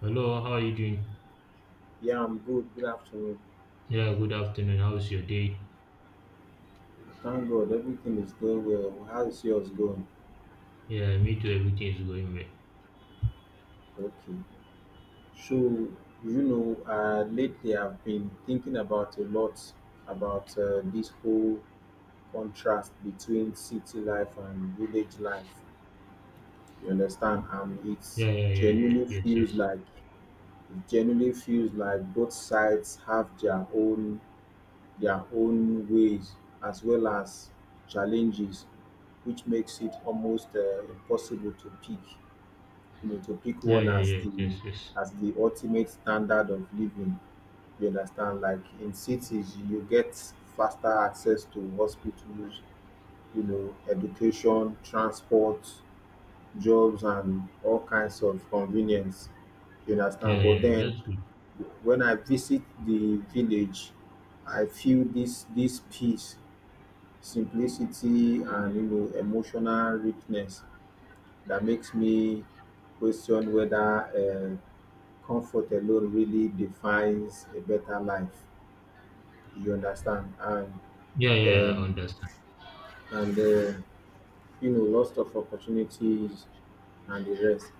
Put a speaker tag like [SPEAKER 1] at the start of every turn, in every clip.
[SPEAKER 1] Hello, how are you doing?
[SPEAKER 2] Yeah, I'm good. Good afternoon.
[SPEAKER 1] Yeah, good afternoon. How's your day?
[SPEAKER 2] Thank God everything is going well. How is yours going?
[SPEAKER 1] Yeah, me too. Everything is going well.
[SPEAKER 2] Okay. So, lately I've been thinking about a lot about this whole contrast between city life and village life. You understand? And
[SPEAKER 1] Yeah, yeah, yeah, yeah.
[SPEAKER 2] genuinely
[SPEAKER 1] Yes, yes.
[SPEAKER 2] feels like it genuinely feels like both sides have their own ways as well as challenges, which makes it almost impossible to pick,
[SPEAKER 1] Yeah,
[SPEAKER 2] one
[SPEAKER 1] yeah,
[SPEAKER 2] as
[SPEAKER 1] yeah,
[SPEAKER 2] the
[SPEAKER 1] yes, yes.
[SPEAKER 2] as the ultimate standard of living. You understand? Like in cities, you get faster access to hospitals, education, transport, jobs, and all kinds of convenience. You
[SPEAKER 1] Yeah,
[SPEAKER 2] understand?
[SPEAKER 1] yeah,
[SPEAKER 2] But
[SPEAKER 1] yeah.
[SPEAKER 2] then
[SPEAKER 1] That's good.
[SPEAKER 2] when I visit the village, I feel this peace, simplicity, and emotional richness that makes me question whether comfort alone really defines a better life. You understand? And
[SPEAKER 1] Yeah, yeah, I
[SPEAKER 2] um,
[SPEAKER 1] understand.
[SPEAKER 2] and uh, lots of opportunities and the rest.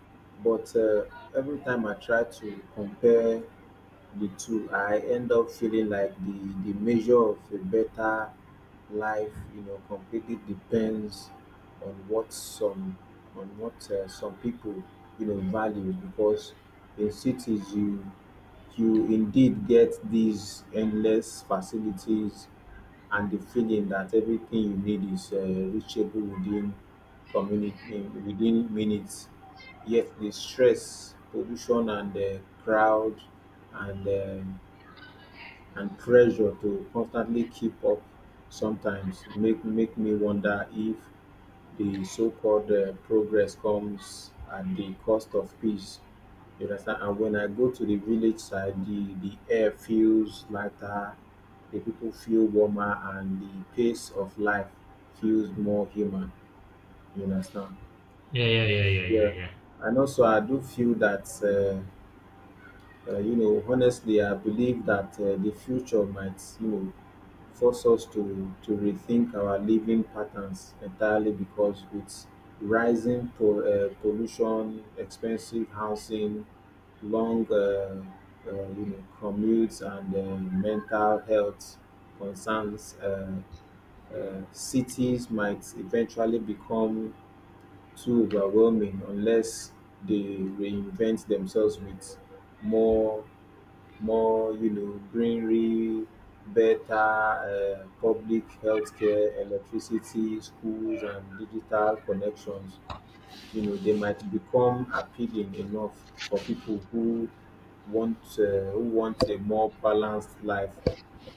[SPEAKER 2] But every time I try to compare the two, I end up feeling like the measure of a better life completely depends on what some, on what some people value, because in cities you indeed get these endless facilities and the feeling that everything you need is reachable within within minutes. Yet the stress, pollution, and the crowd, and uh, and pressure to constantly keep up sometimes make me wonder if the so-called progress comes at the cost of peace. You understand? And when I go to the village side, the air feels lighter, the people feel warmer, and the pace of life feels more human. You understand?
[SPEAKER 1] Yeah, yeah, yeah, yeah, yeah,
[SPEAKER 2] Yeah.
[SPEAKER 1] yeah.
[SPEAKER 2] And also I do feel that honestly I believe that the future might force us to rethink our living patterns entirely, because with rising pollution, expensive housing, long commutes, and mental health concerns, cities might eventually become too overwhelming unless they reinvent themselves with more more greenery, better public healthcare, electricity, schools, and digital connections. They might become appealing enough for people who want a more balanced life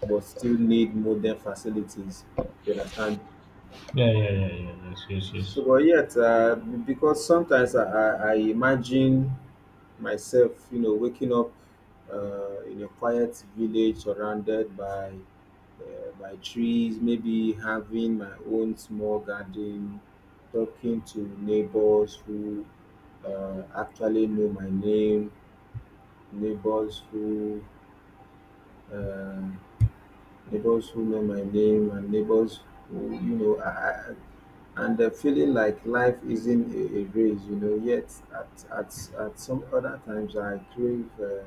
[SPEAKER 2] but still need modern facilities. You understand?
[SPEAKER 1] Yeah, yeah, yeah, yeah, yes, yes, yes.
[SPEAKER 2] So, but yet because sometimes I imagine myself waking up in a quiet village, surrounded by trees, maybe having my own small garden, talking to neighbors who actually know my name, neighbors who uh, neighbors who know my name, and neighbors who you know. I, and the feeling like life isn't a race, you know. Yet at some other times, I crave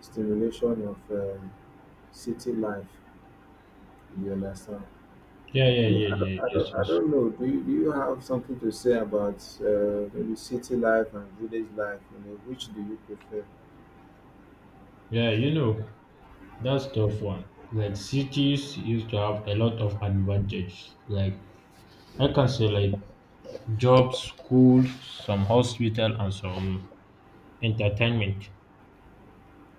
[SPEAKER 2] stimulation of city life. You understand?
[SPEAKER 1] Yeah, yeah,
[SPEAKER 2] So
[SPEAKER 1] yeah,
[SPEAKER 2] I don't,
[SPEAKER 1] yeah,
[SPEAKER 2] I
[SPEAKER 1] yes,
[SPEAKER 2] don't, I
[SPEAKER 1] yes.
[SPEAKER 2] don't know. Do you have something to say about maybe city life and village life? You know, which do you prefer?
[SPEAKER 1] Yeah, you know, that's tough one. Like cities used to have a lot of advantages. Like I can say like jobs, schools, some hospital and some entertainment.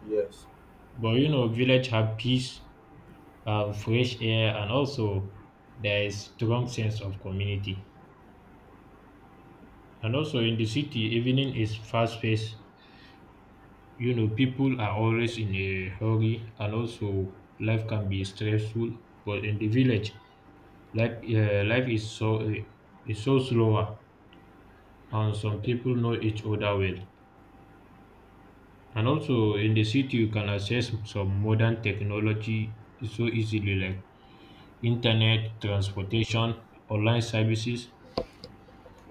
[SPEAKER 2] Yes,
[SPEAKER 1] But you know, village have peace, fresh air, and also there is strong sense of community. And also in the city, evening is fast paced. You know, people are always in a hurry, and also life can be stressful. But in the village, life is so slower, and some people know each other well. And also in the city, you can access some modern technology so easily, like internet, transportation, online services,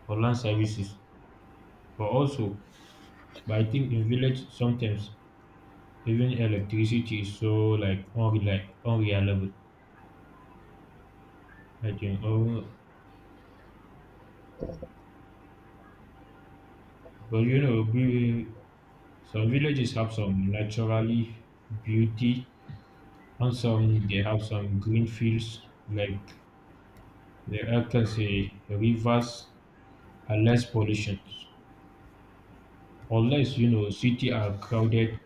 [SPEAKER 1] online services. But also, but I think in village sometimes even electricity is so like unreliable. I think, oh, but you know, some villages have some naturally beauty and some they have some green fields like the I can say rivers and less pollution. Unless you know city are crowded.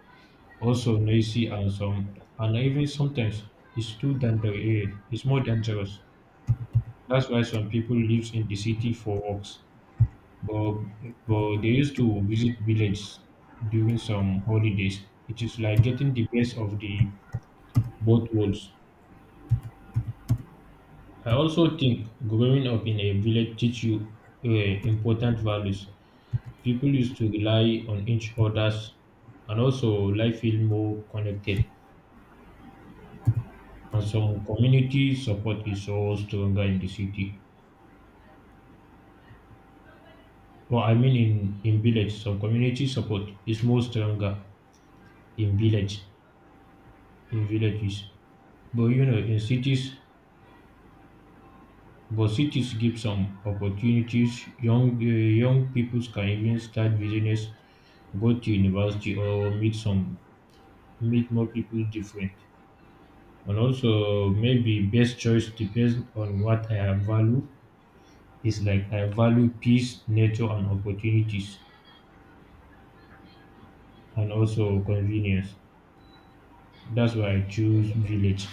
[SPEAKER 1] Also noisy and some and even sometimes it's too danger eh, it's more dangerous. That's why some people lives in the city for works. But but they used to visit village during some holidays. It is like getting the best of the both worlds. I also think growing up in a village teach you uh, important values. People used to rely on each others and also life feel more connected. And some community support is all stronger in the city. Well, I mean in village. Some community support is more stronger in village, in villages. But you know, in cities, but cities give some opportunities. Young people can even start business, go to university, or meet more people different. And also maybe best choice depends on what I value. It's like I value peace, nature, and opportunities and also convenience. That's why I choose village.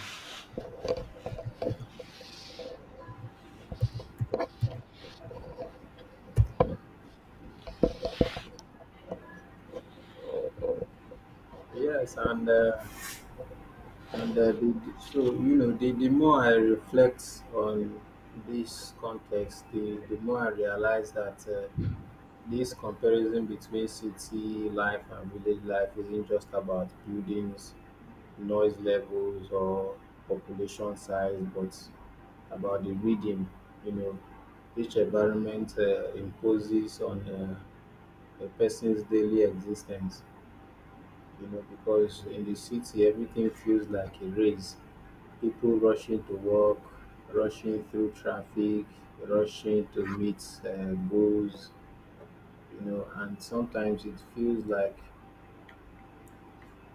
[SPEAKER 2] yes, and the more I reflect on this context, the more I realize that this comparison between city life and village life isn't just about buildings, noise levels, or population size, but about the rhythm. You know, each environment imposes on a person's daily existence. You know, because in the city, everything feels like a race. People rushing to work, rushing through traffic, rushing to meet goals. You know, and sometimes it feels like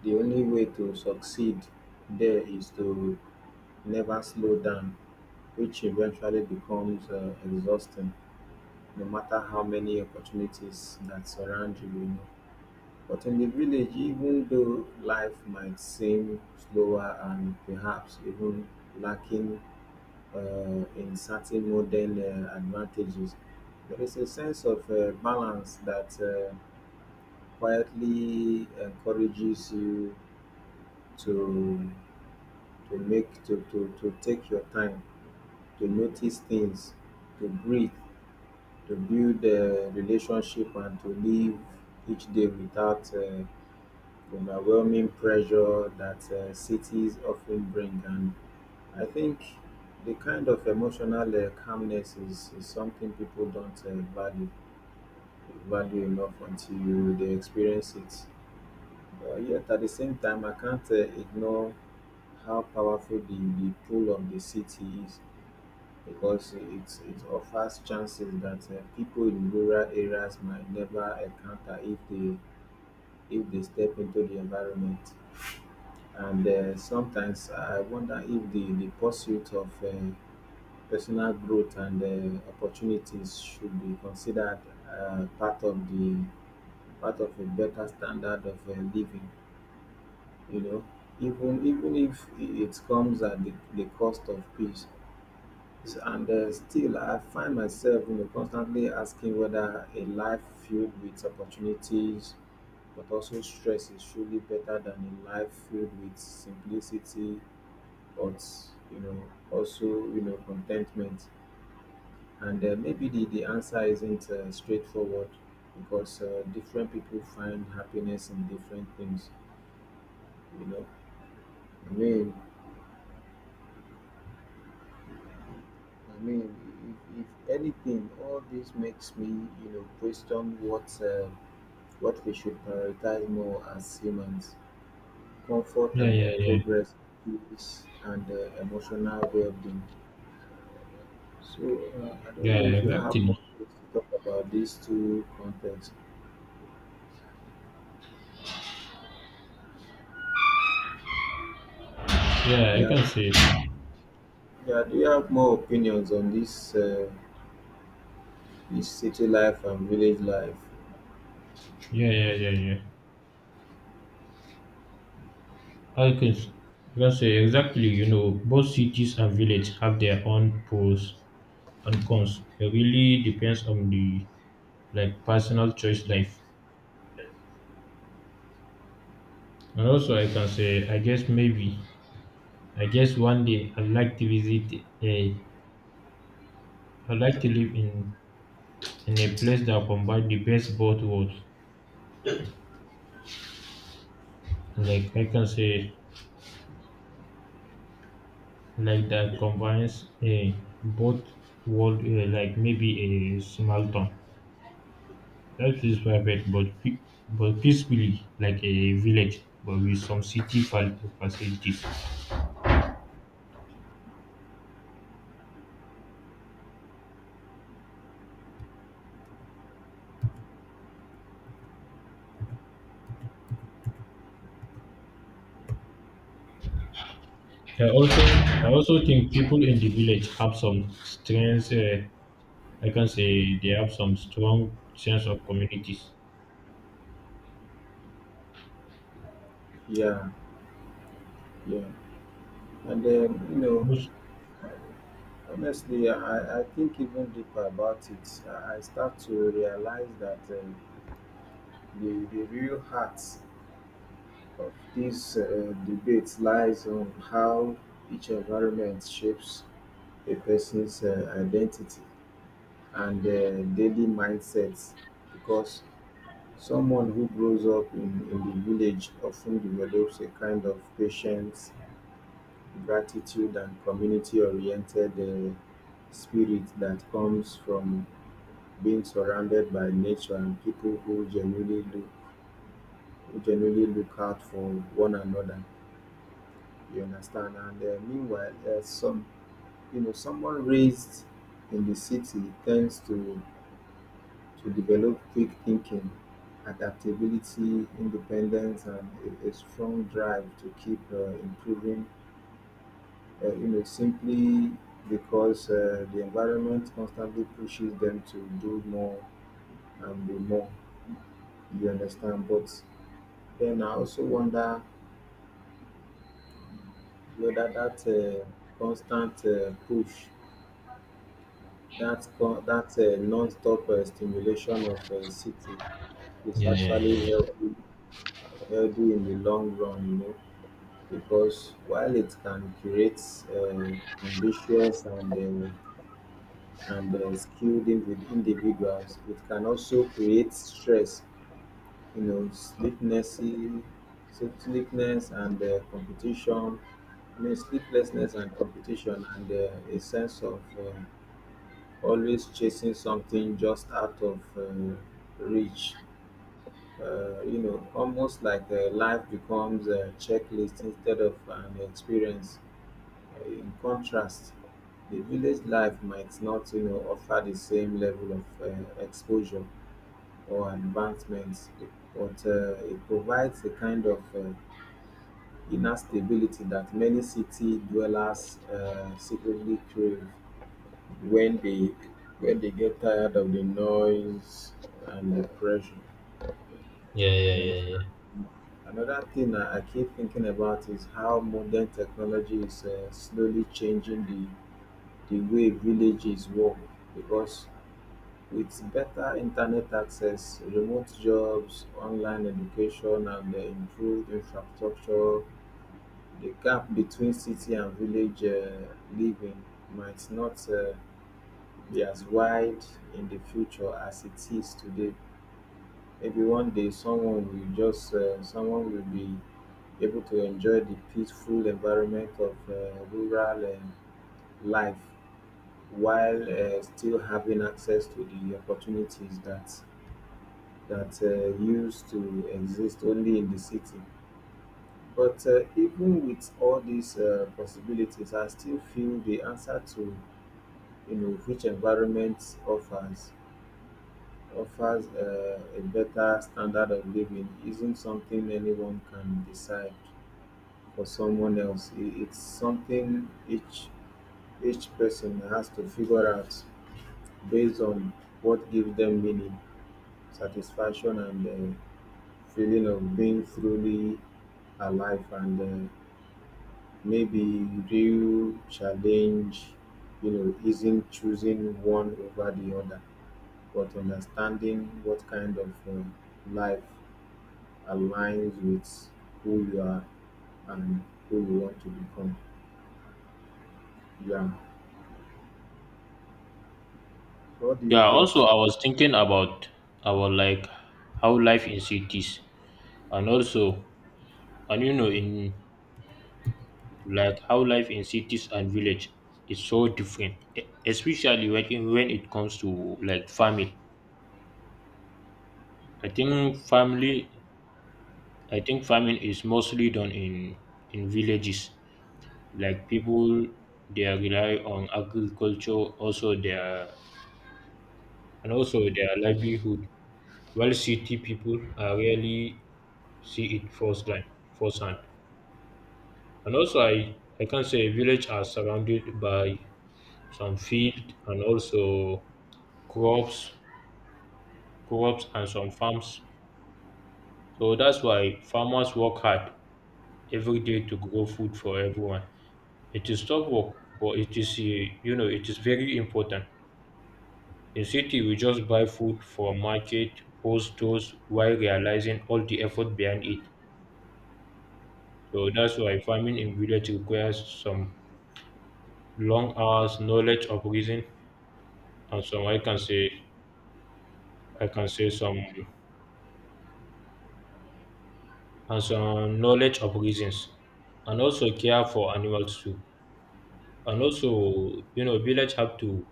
[SPEAKER 2] the only way to succeed there is to never slow down, which eventually becomes exhausting no matter how many opportunities that surround you, you know. But in the village, even though life might seem slower and perhaps even lacking uh, in certain modern advantages, there is a sense of balance that quietly encourages you to to take your time, to notice things, to breathe, to build relationship, and to live each day without overwhelming pressure that cities often bring. And I think the kind of emotional calmness is something people don't value enough until they experience it. But yet at the same time, I can't ignore how powerful the pull of the city is, because it offers chances that people in rural areas might never encounter if they step into the environment. And sometimes I wonder if the pursuit of personal growth and opportunities should be considered part of a better standard of living. You know, even if it comes at the cost of peace. And still, I find myself constantly asking whether a life filled with opportunities but also stress is truly better than a life filled with simplicity, but you know, also, contentment. And maybe the answer isn't straightforward, because different people find happiness in different things. You know, I mean, I mean, if anything, all this makes me question what. What we should prioritize more as humans: comfort
[SPEAKER 1] Yeah,
[SPEAKER 2] and
[SPEAKER 1] yeah, yeah,
[SPEAKER 2] progress, peace and emotional well being. So, I don't
[SPEAKER 1] yeah,
[SPEAKER 2] know
[SPEAKER 1] yeah,
[SPEAKER 2] if you have more
[SPEAKER 1] exactly.
[SPEAKER 2] things to talk about these two contexts.
[SPEAKER 1] Yeah, I
[SPEAKER 2] Yeah,
[SPEAKER 1] can say.
[SPEAKER 2] yeah, do you have more opinions on this city life and village life?
[SPEAKER 1] Yeah, yeah, yeah, yeah. I can, s- I can say exactly. You know, both cities and village have their own pros and cons. It really depends on the like personal choice life. And also, I can say, I guess maybe, I guess one day I'd like to I'd like to live in a place that combines the best both worlds. Like I can say, like that combines a both world like maybe a small town that is private but but peacefully like a village but with some city facilities. I also think people in the village have some strengths, I can say they have some strong sense of communities
[SPEAKER 2] Yeah, yeah. And then,
[SPEAKER 1] most.
[SPEAKER 2] honestly, I think even deeper about it. I start to realize that the real heart of this debate lies on how each environment shapes a person's identity and daily mindsets, because someone who grows up in the village often develops a kind of patience, gratitude, and community oriented spirit that comes from being surrounded by nature and people who genuinely look out for one another. You understand? And meanwhile, someone raised in the city tends to develop quick thinking, adaptability, independence, and a strong drive to keep improving. Simply because the environment constantly pushes them to do more and be more. You understand? But then I also wonder whether that uh, constant push, that non-stop stimulation of city, is
[SPEAKER 1] Yeah, yeah, yeah,
[SPEAKER 2] actually
[SPEAKER 1] yeah,
[SPEAKER 2] healthy in the long run, you know, because while it can create uh, ambitious and skilled individuals, it can also create stress, you know, sleepnessy, sleeplessness and competition. I mean, sleeplessness and competition, and a sense of always chasing something just out of reach. Almost like life becomes a checklist instead of an experience. In contrast, the village life might not offer the same level of exposure or advancements, but it provides a kind of inner stability that many city dwellers secretly crave when they when they get tired of the noise and the pressure.
[SPEAKER 1] yeah, yeah,
[SPEAKER 2] You
[SPEAKER 1] yeah,
[SPEAKER 2] understand?
[SPEAKER 1] yeah.
[SPEAKER 2] Another thing I keep thinking about is how modern technology is slowly changing the way villages work, because with better internet access, remote jobs, online education, and the improved infrastructure, the gap between city and village living might not be as wide in the future as it is today. Maybe one day someone will be able to enjoy the peaceful environment of rural life while still having access to the opportunities that used to exist only in the city. But even with all these possibilities, I still feel the answer to which environment offers a better standard of living isn't something anyone can decide for someone else. It's something each person has to figure out based on what gives them meaning, satisfaction, and the feeling of being truly alive. And maybe real challenge, you know, isn't choosing one over the other, but understanding what kind of life aligns with who you are and who you want to become. Yeah. What do
[SPEAKER 1] Yeah,
[SPEAKER 2] you
[SPEAKER 1] also
[SPEAKER 2] think?
[SPEAKER 1] I was thinking about like how life in cities and also. And you know, in like how life in cities and village is so different, especially when it comes to like farming. I think family, I think farming is mostly done in villages. Like people, they rely on agriculture, also their and also their livelihood. While city people are rarely see it firsthand, firsthand. And also, I can say village are surrounded by some field and also crops, crops and some farms. So that's why farmers work hard every day to grow food for everyone. It is tough work, but it is you know it is very important. In city, we just buy food from market or stores while realizing all the effort behind it. So that's why farming in village requires some long hours, knowledge of reason, and some I can say some and some knowledge of reasons, and also care for animals too. And also, you know, village have to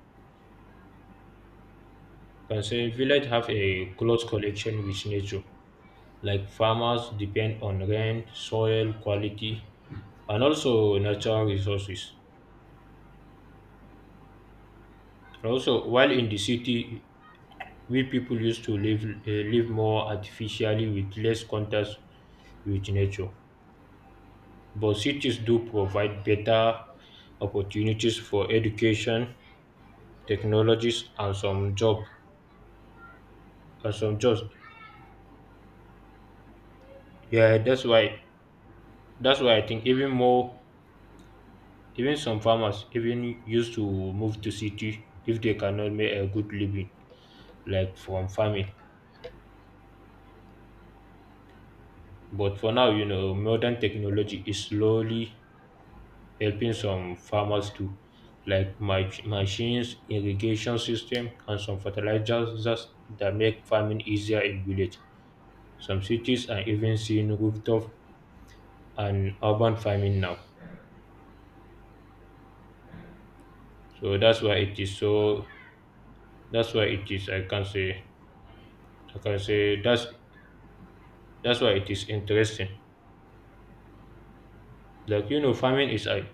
[SPEAKER 1] can say village have a close connection with nature. Like farmers depend on rain, soil quality, and also natural resources. And also, while in the city, we people used to live more artificially with less contact with nature. But cities do provide better opportunities for education, technologies, and some job and some jobs. Yeah, that's why I think even more. Even some farmers even used to move to city if they cannot make a good living like from farming. But for now, you know, modern technology is slowly helping some farmers too, like machines, irrigation system, and some fertilizers that make farming easier in village. Some cities are even seeing rooftop and urban farming now. So that's why it is so. That's why it is. I can say. I can say that's that's why it is interesting. Like you know, farming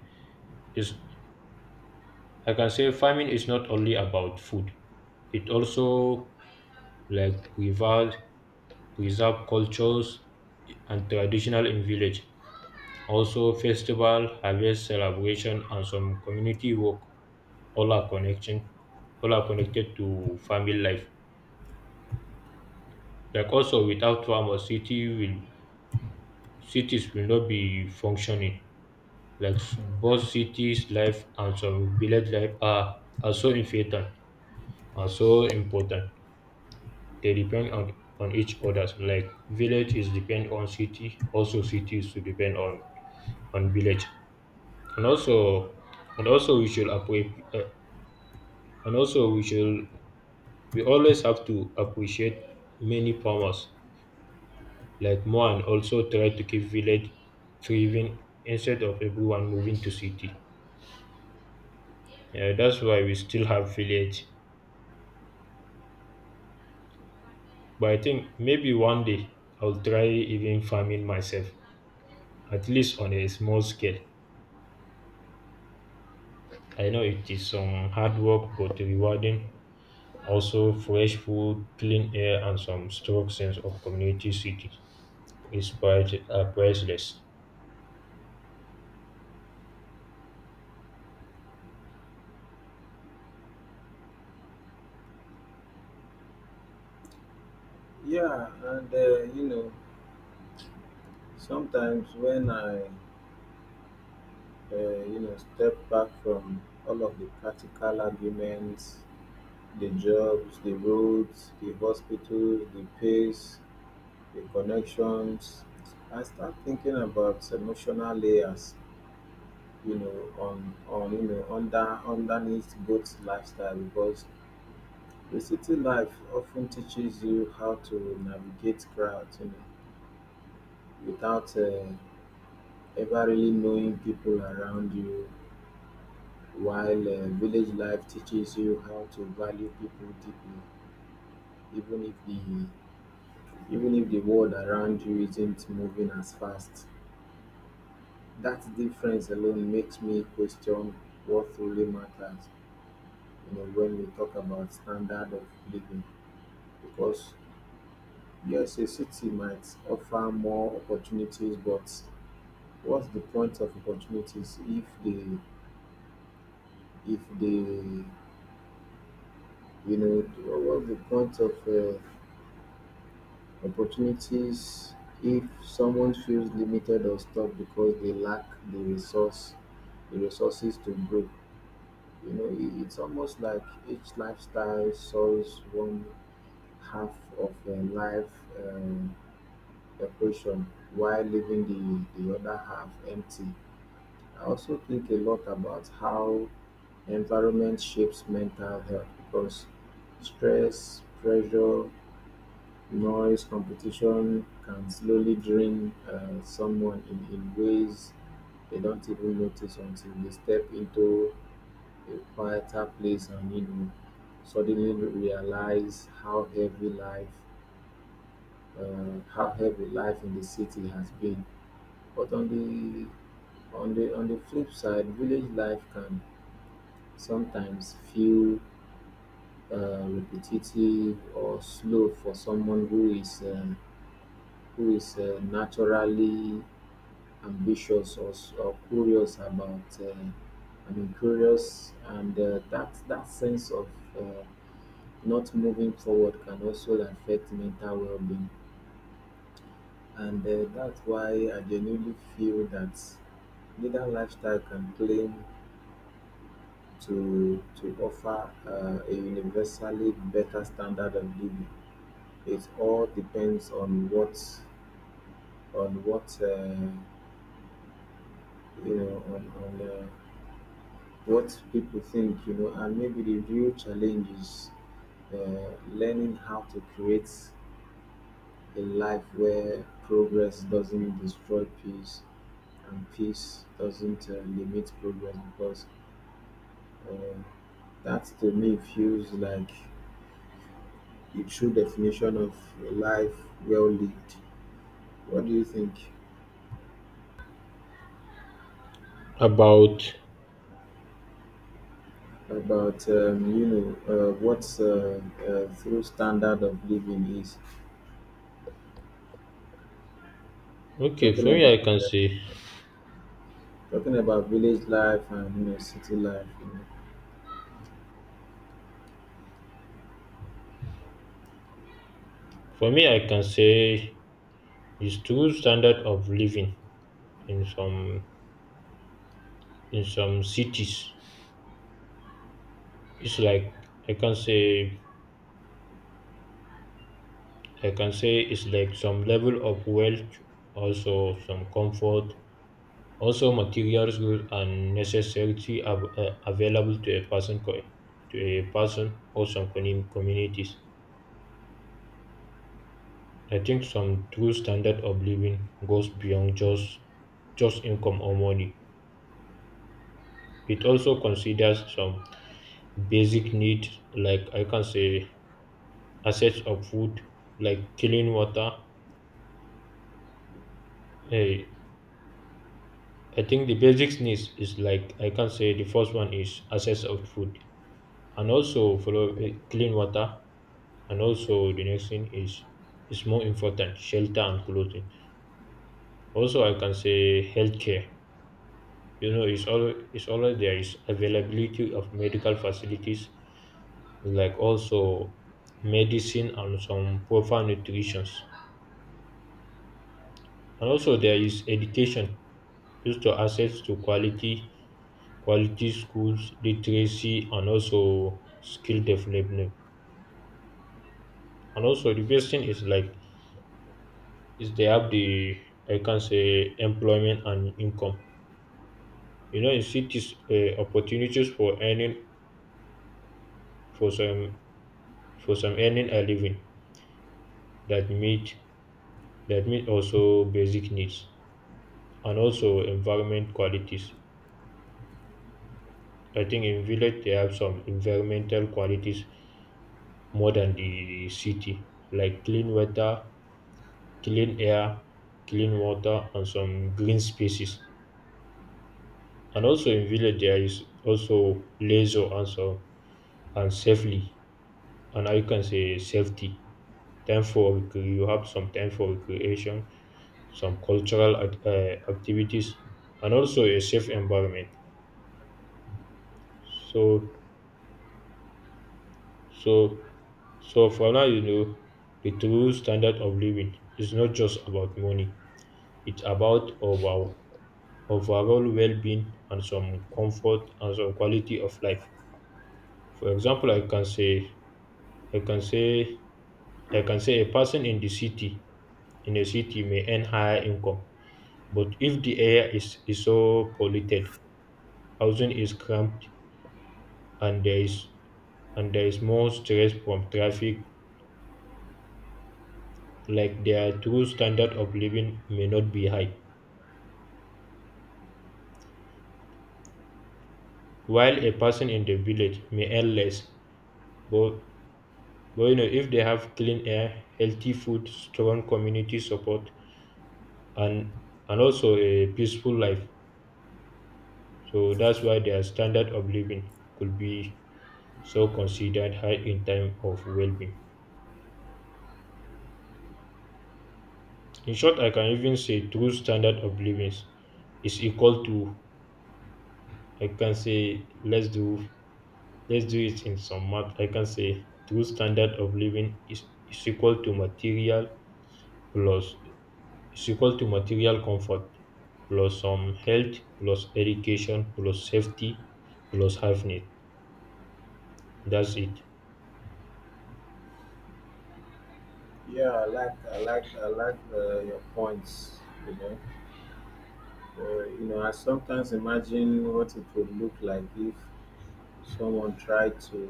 [SPEAKER 1] is I can say farming is not only about food. It also like preserve cultures and traditional in village. Also festival, harvest celebration and some community work all are connection all are connected to family life. Like also without farmers city will cities will not be functioning. Like both cities life and some are so important. Are so important. They depend on each other. Like village is depend on city, also city is to depend on village. And also, and also we should appreciate. And also we should We always have to appreciate many farmers like more and also try to keep village thriving instead of everyone moving to city. Yeah, that's why we still have village. But I think maybe one day I'll try even farming myself, at least on a small scale. I know it is some hard work but rewarding. Also, fresh food, clean air, and some strong sense of community city is priceless.
[SPEAKER 2] Yeah, and sometimes when I, step back from all of the practical arguments: the jobs, the roads, the hospitals, the pace, the connections, I start thinking about emotional layers, you know, on you know under underneath both lifestyle, because the city life often teaches you how to navigate crowds, you know, without ever really knowing people around you, while village life teaches you how to value people deeply, even if the even if the world around you isn't moving as fast. That difference alone makes me question what truly matters, you know, when we talk about standard of living, because yes, a city might offer more opportunities, but what's the point of opportunities if they you know what's the point of opportunities if someone feels limited or stuck because they lack the resource the resources to grow. It's almost like each lifestyle solves one half of a life um, equation, while leaving the other half empty. I also think a lot about how environment shapes mental health, because stress, pressure, noise, competition can slowly drain someone in ways they don't even notice until they step into a quieter place and suddenly realize how heavy life in the city has been. But on the flip side, village life can sometimes feel repetitive or slow for someone who is naturally ambitious or curious about I mean curious, and that sense of uh, not moving forward can also affect mental well-being. And that's why I genuinely feel that neither lifestyle can claim to offer a universally better standard of living. It all depends on what on what uh, you know on what people think, you know, and maybe the real challenge is learning how to create a life where progress doesn't destroy peace and peace doesn't limit progress, because uh, that to me feels like the true definition of a life well lived. What do you think?
[SPEAKER 1] About
[SPEAKER 2] About what through standard of living is,
[SPEAKER 1] okay, for
[SPEAKER 2] talking
[SPEAKER 1] me, I
[SPEAKER 2] about
[SPEAKER 1] can say
[SPEAKER 2] village life and city life.
[SPEAKER 1] for me, I can say is true standard of living in some in some cities. It's like I can say I can say it's like some level of wealth, also some comfort, also, materials goods and necessity available to a to a person or some communities. I think some true standard of living goes beyond just income or money. It also considers some basic needs like I can say assets of food, like clean water. Hey, I think the basic needs is like I can say the first one is access of food and also follow clean water and also the next thing is more important shelter and clothing, also I can say healthcare. You know, it's always there is availability of medical facilities, like also medicine and some proper nutrition, and also there is education, just to access to quality quality schools, literacy and also skill development. And also the best thing is like is they have the I can say employment and income. You know, in cities, opportunities for earning for some for some earning a living that meet that meet also basic needs and also environment qualities. I think in village they have some environmental qualities more than the city, like clean water, clean air, clean water, and some green spaces. And also in village there is also leisure and and safely, and I can say safety, time for you have some time for recreation, some cultural activities and also a safe environment. So so so for now you know the true standard of living is not just about money, it's about our overall well-being and some comfort and some quality of life. For example I can say I can say a person in the city in a city may earn higher income, but if the is so polluted, housing is cramped and there is and there is more stress from traffic like their true standard of living may not be high. While a person in the village may earn less, but, but you know if they have clean air, healthy food, strong community support and and also a peaceful life. So that's why their standard of living could be so considered high in time of well-being. In short, I can even say true standard of living is equal to I can say let's do it in some math. I can say true standard of living is equal to material plus is equal to material comfort plus some health plus education plus safety plus hyphenate. Need. That's it.
[SPEAKER 2] Yeah, I like your points, you know. I sometimes imagine what it would look like if someone tried to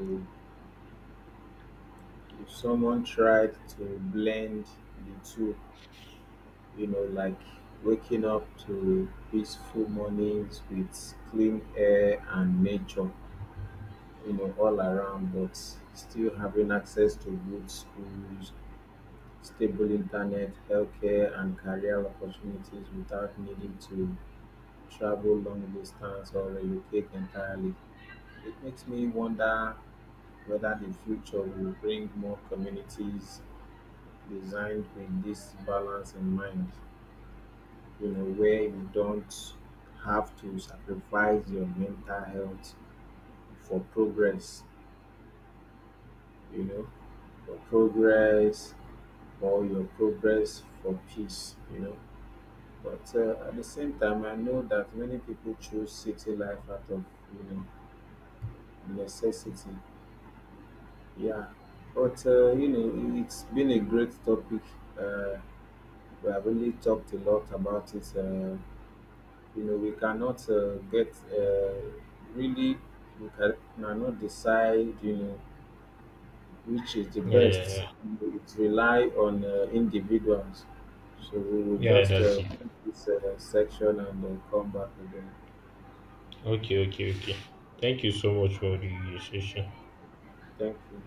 [SPEAKER 2] someone tried to blend the two, like waking up to peaceful mornings with clean air and nature, you know, all around, but still having access to good schools, stable internet, healthcare, and career opportunities without needing to travel long distance or relocate entirely. It makes me wonder whether the future will bring more communities designed with this balance in mind, you know, where you don't have to sacrifice your mental health for progress, you know, for progress or your progress for peace, you know. But at the same time, I know that many people choose city life out of you know necessity. Yeah, but it's been a great topic. Uh, we have really talked a lot about it. We cannot get really we can- cannot decide which is the
[SPEAKER 1] Yeah, yeah,
[SPEAKER 2] best.
[SPEAKER 1] yeah.
[SPEAKER 2] It rely on individuals. So we will
[SPEAKER 1] Yeah,
[SPEAKER 2] just
[SPEAKER 1] that's it.
[SPEAKER 2] this section and come back again.
[SPEAKER 1] Okay, okay, okay. Thank you so much for the session.
[SPEAKER 2] Thank you.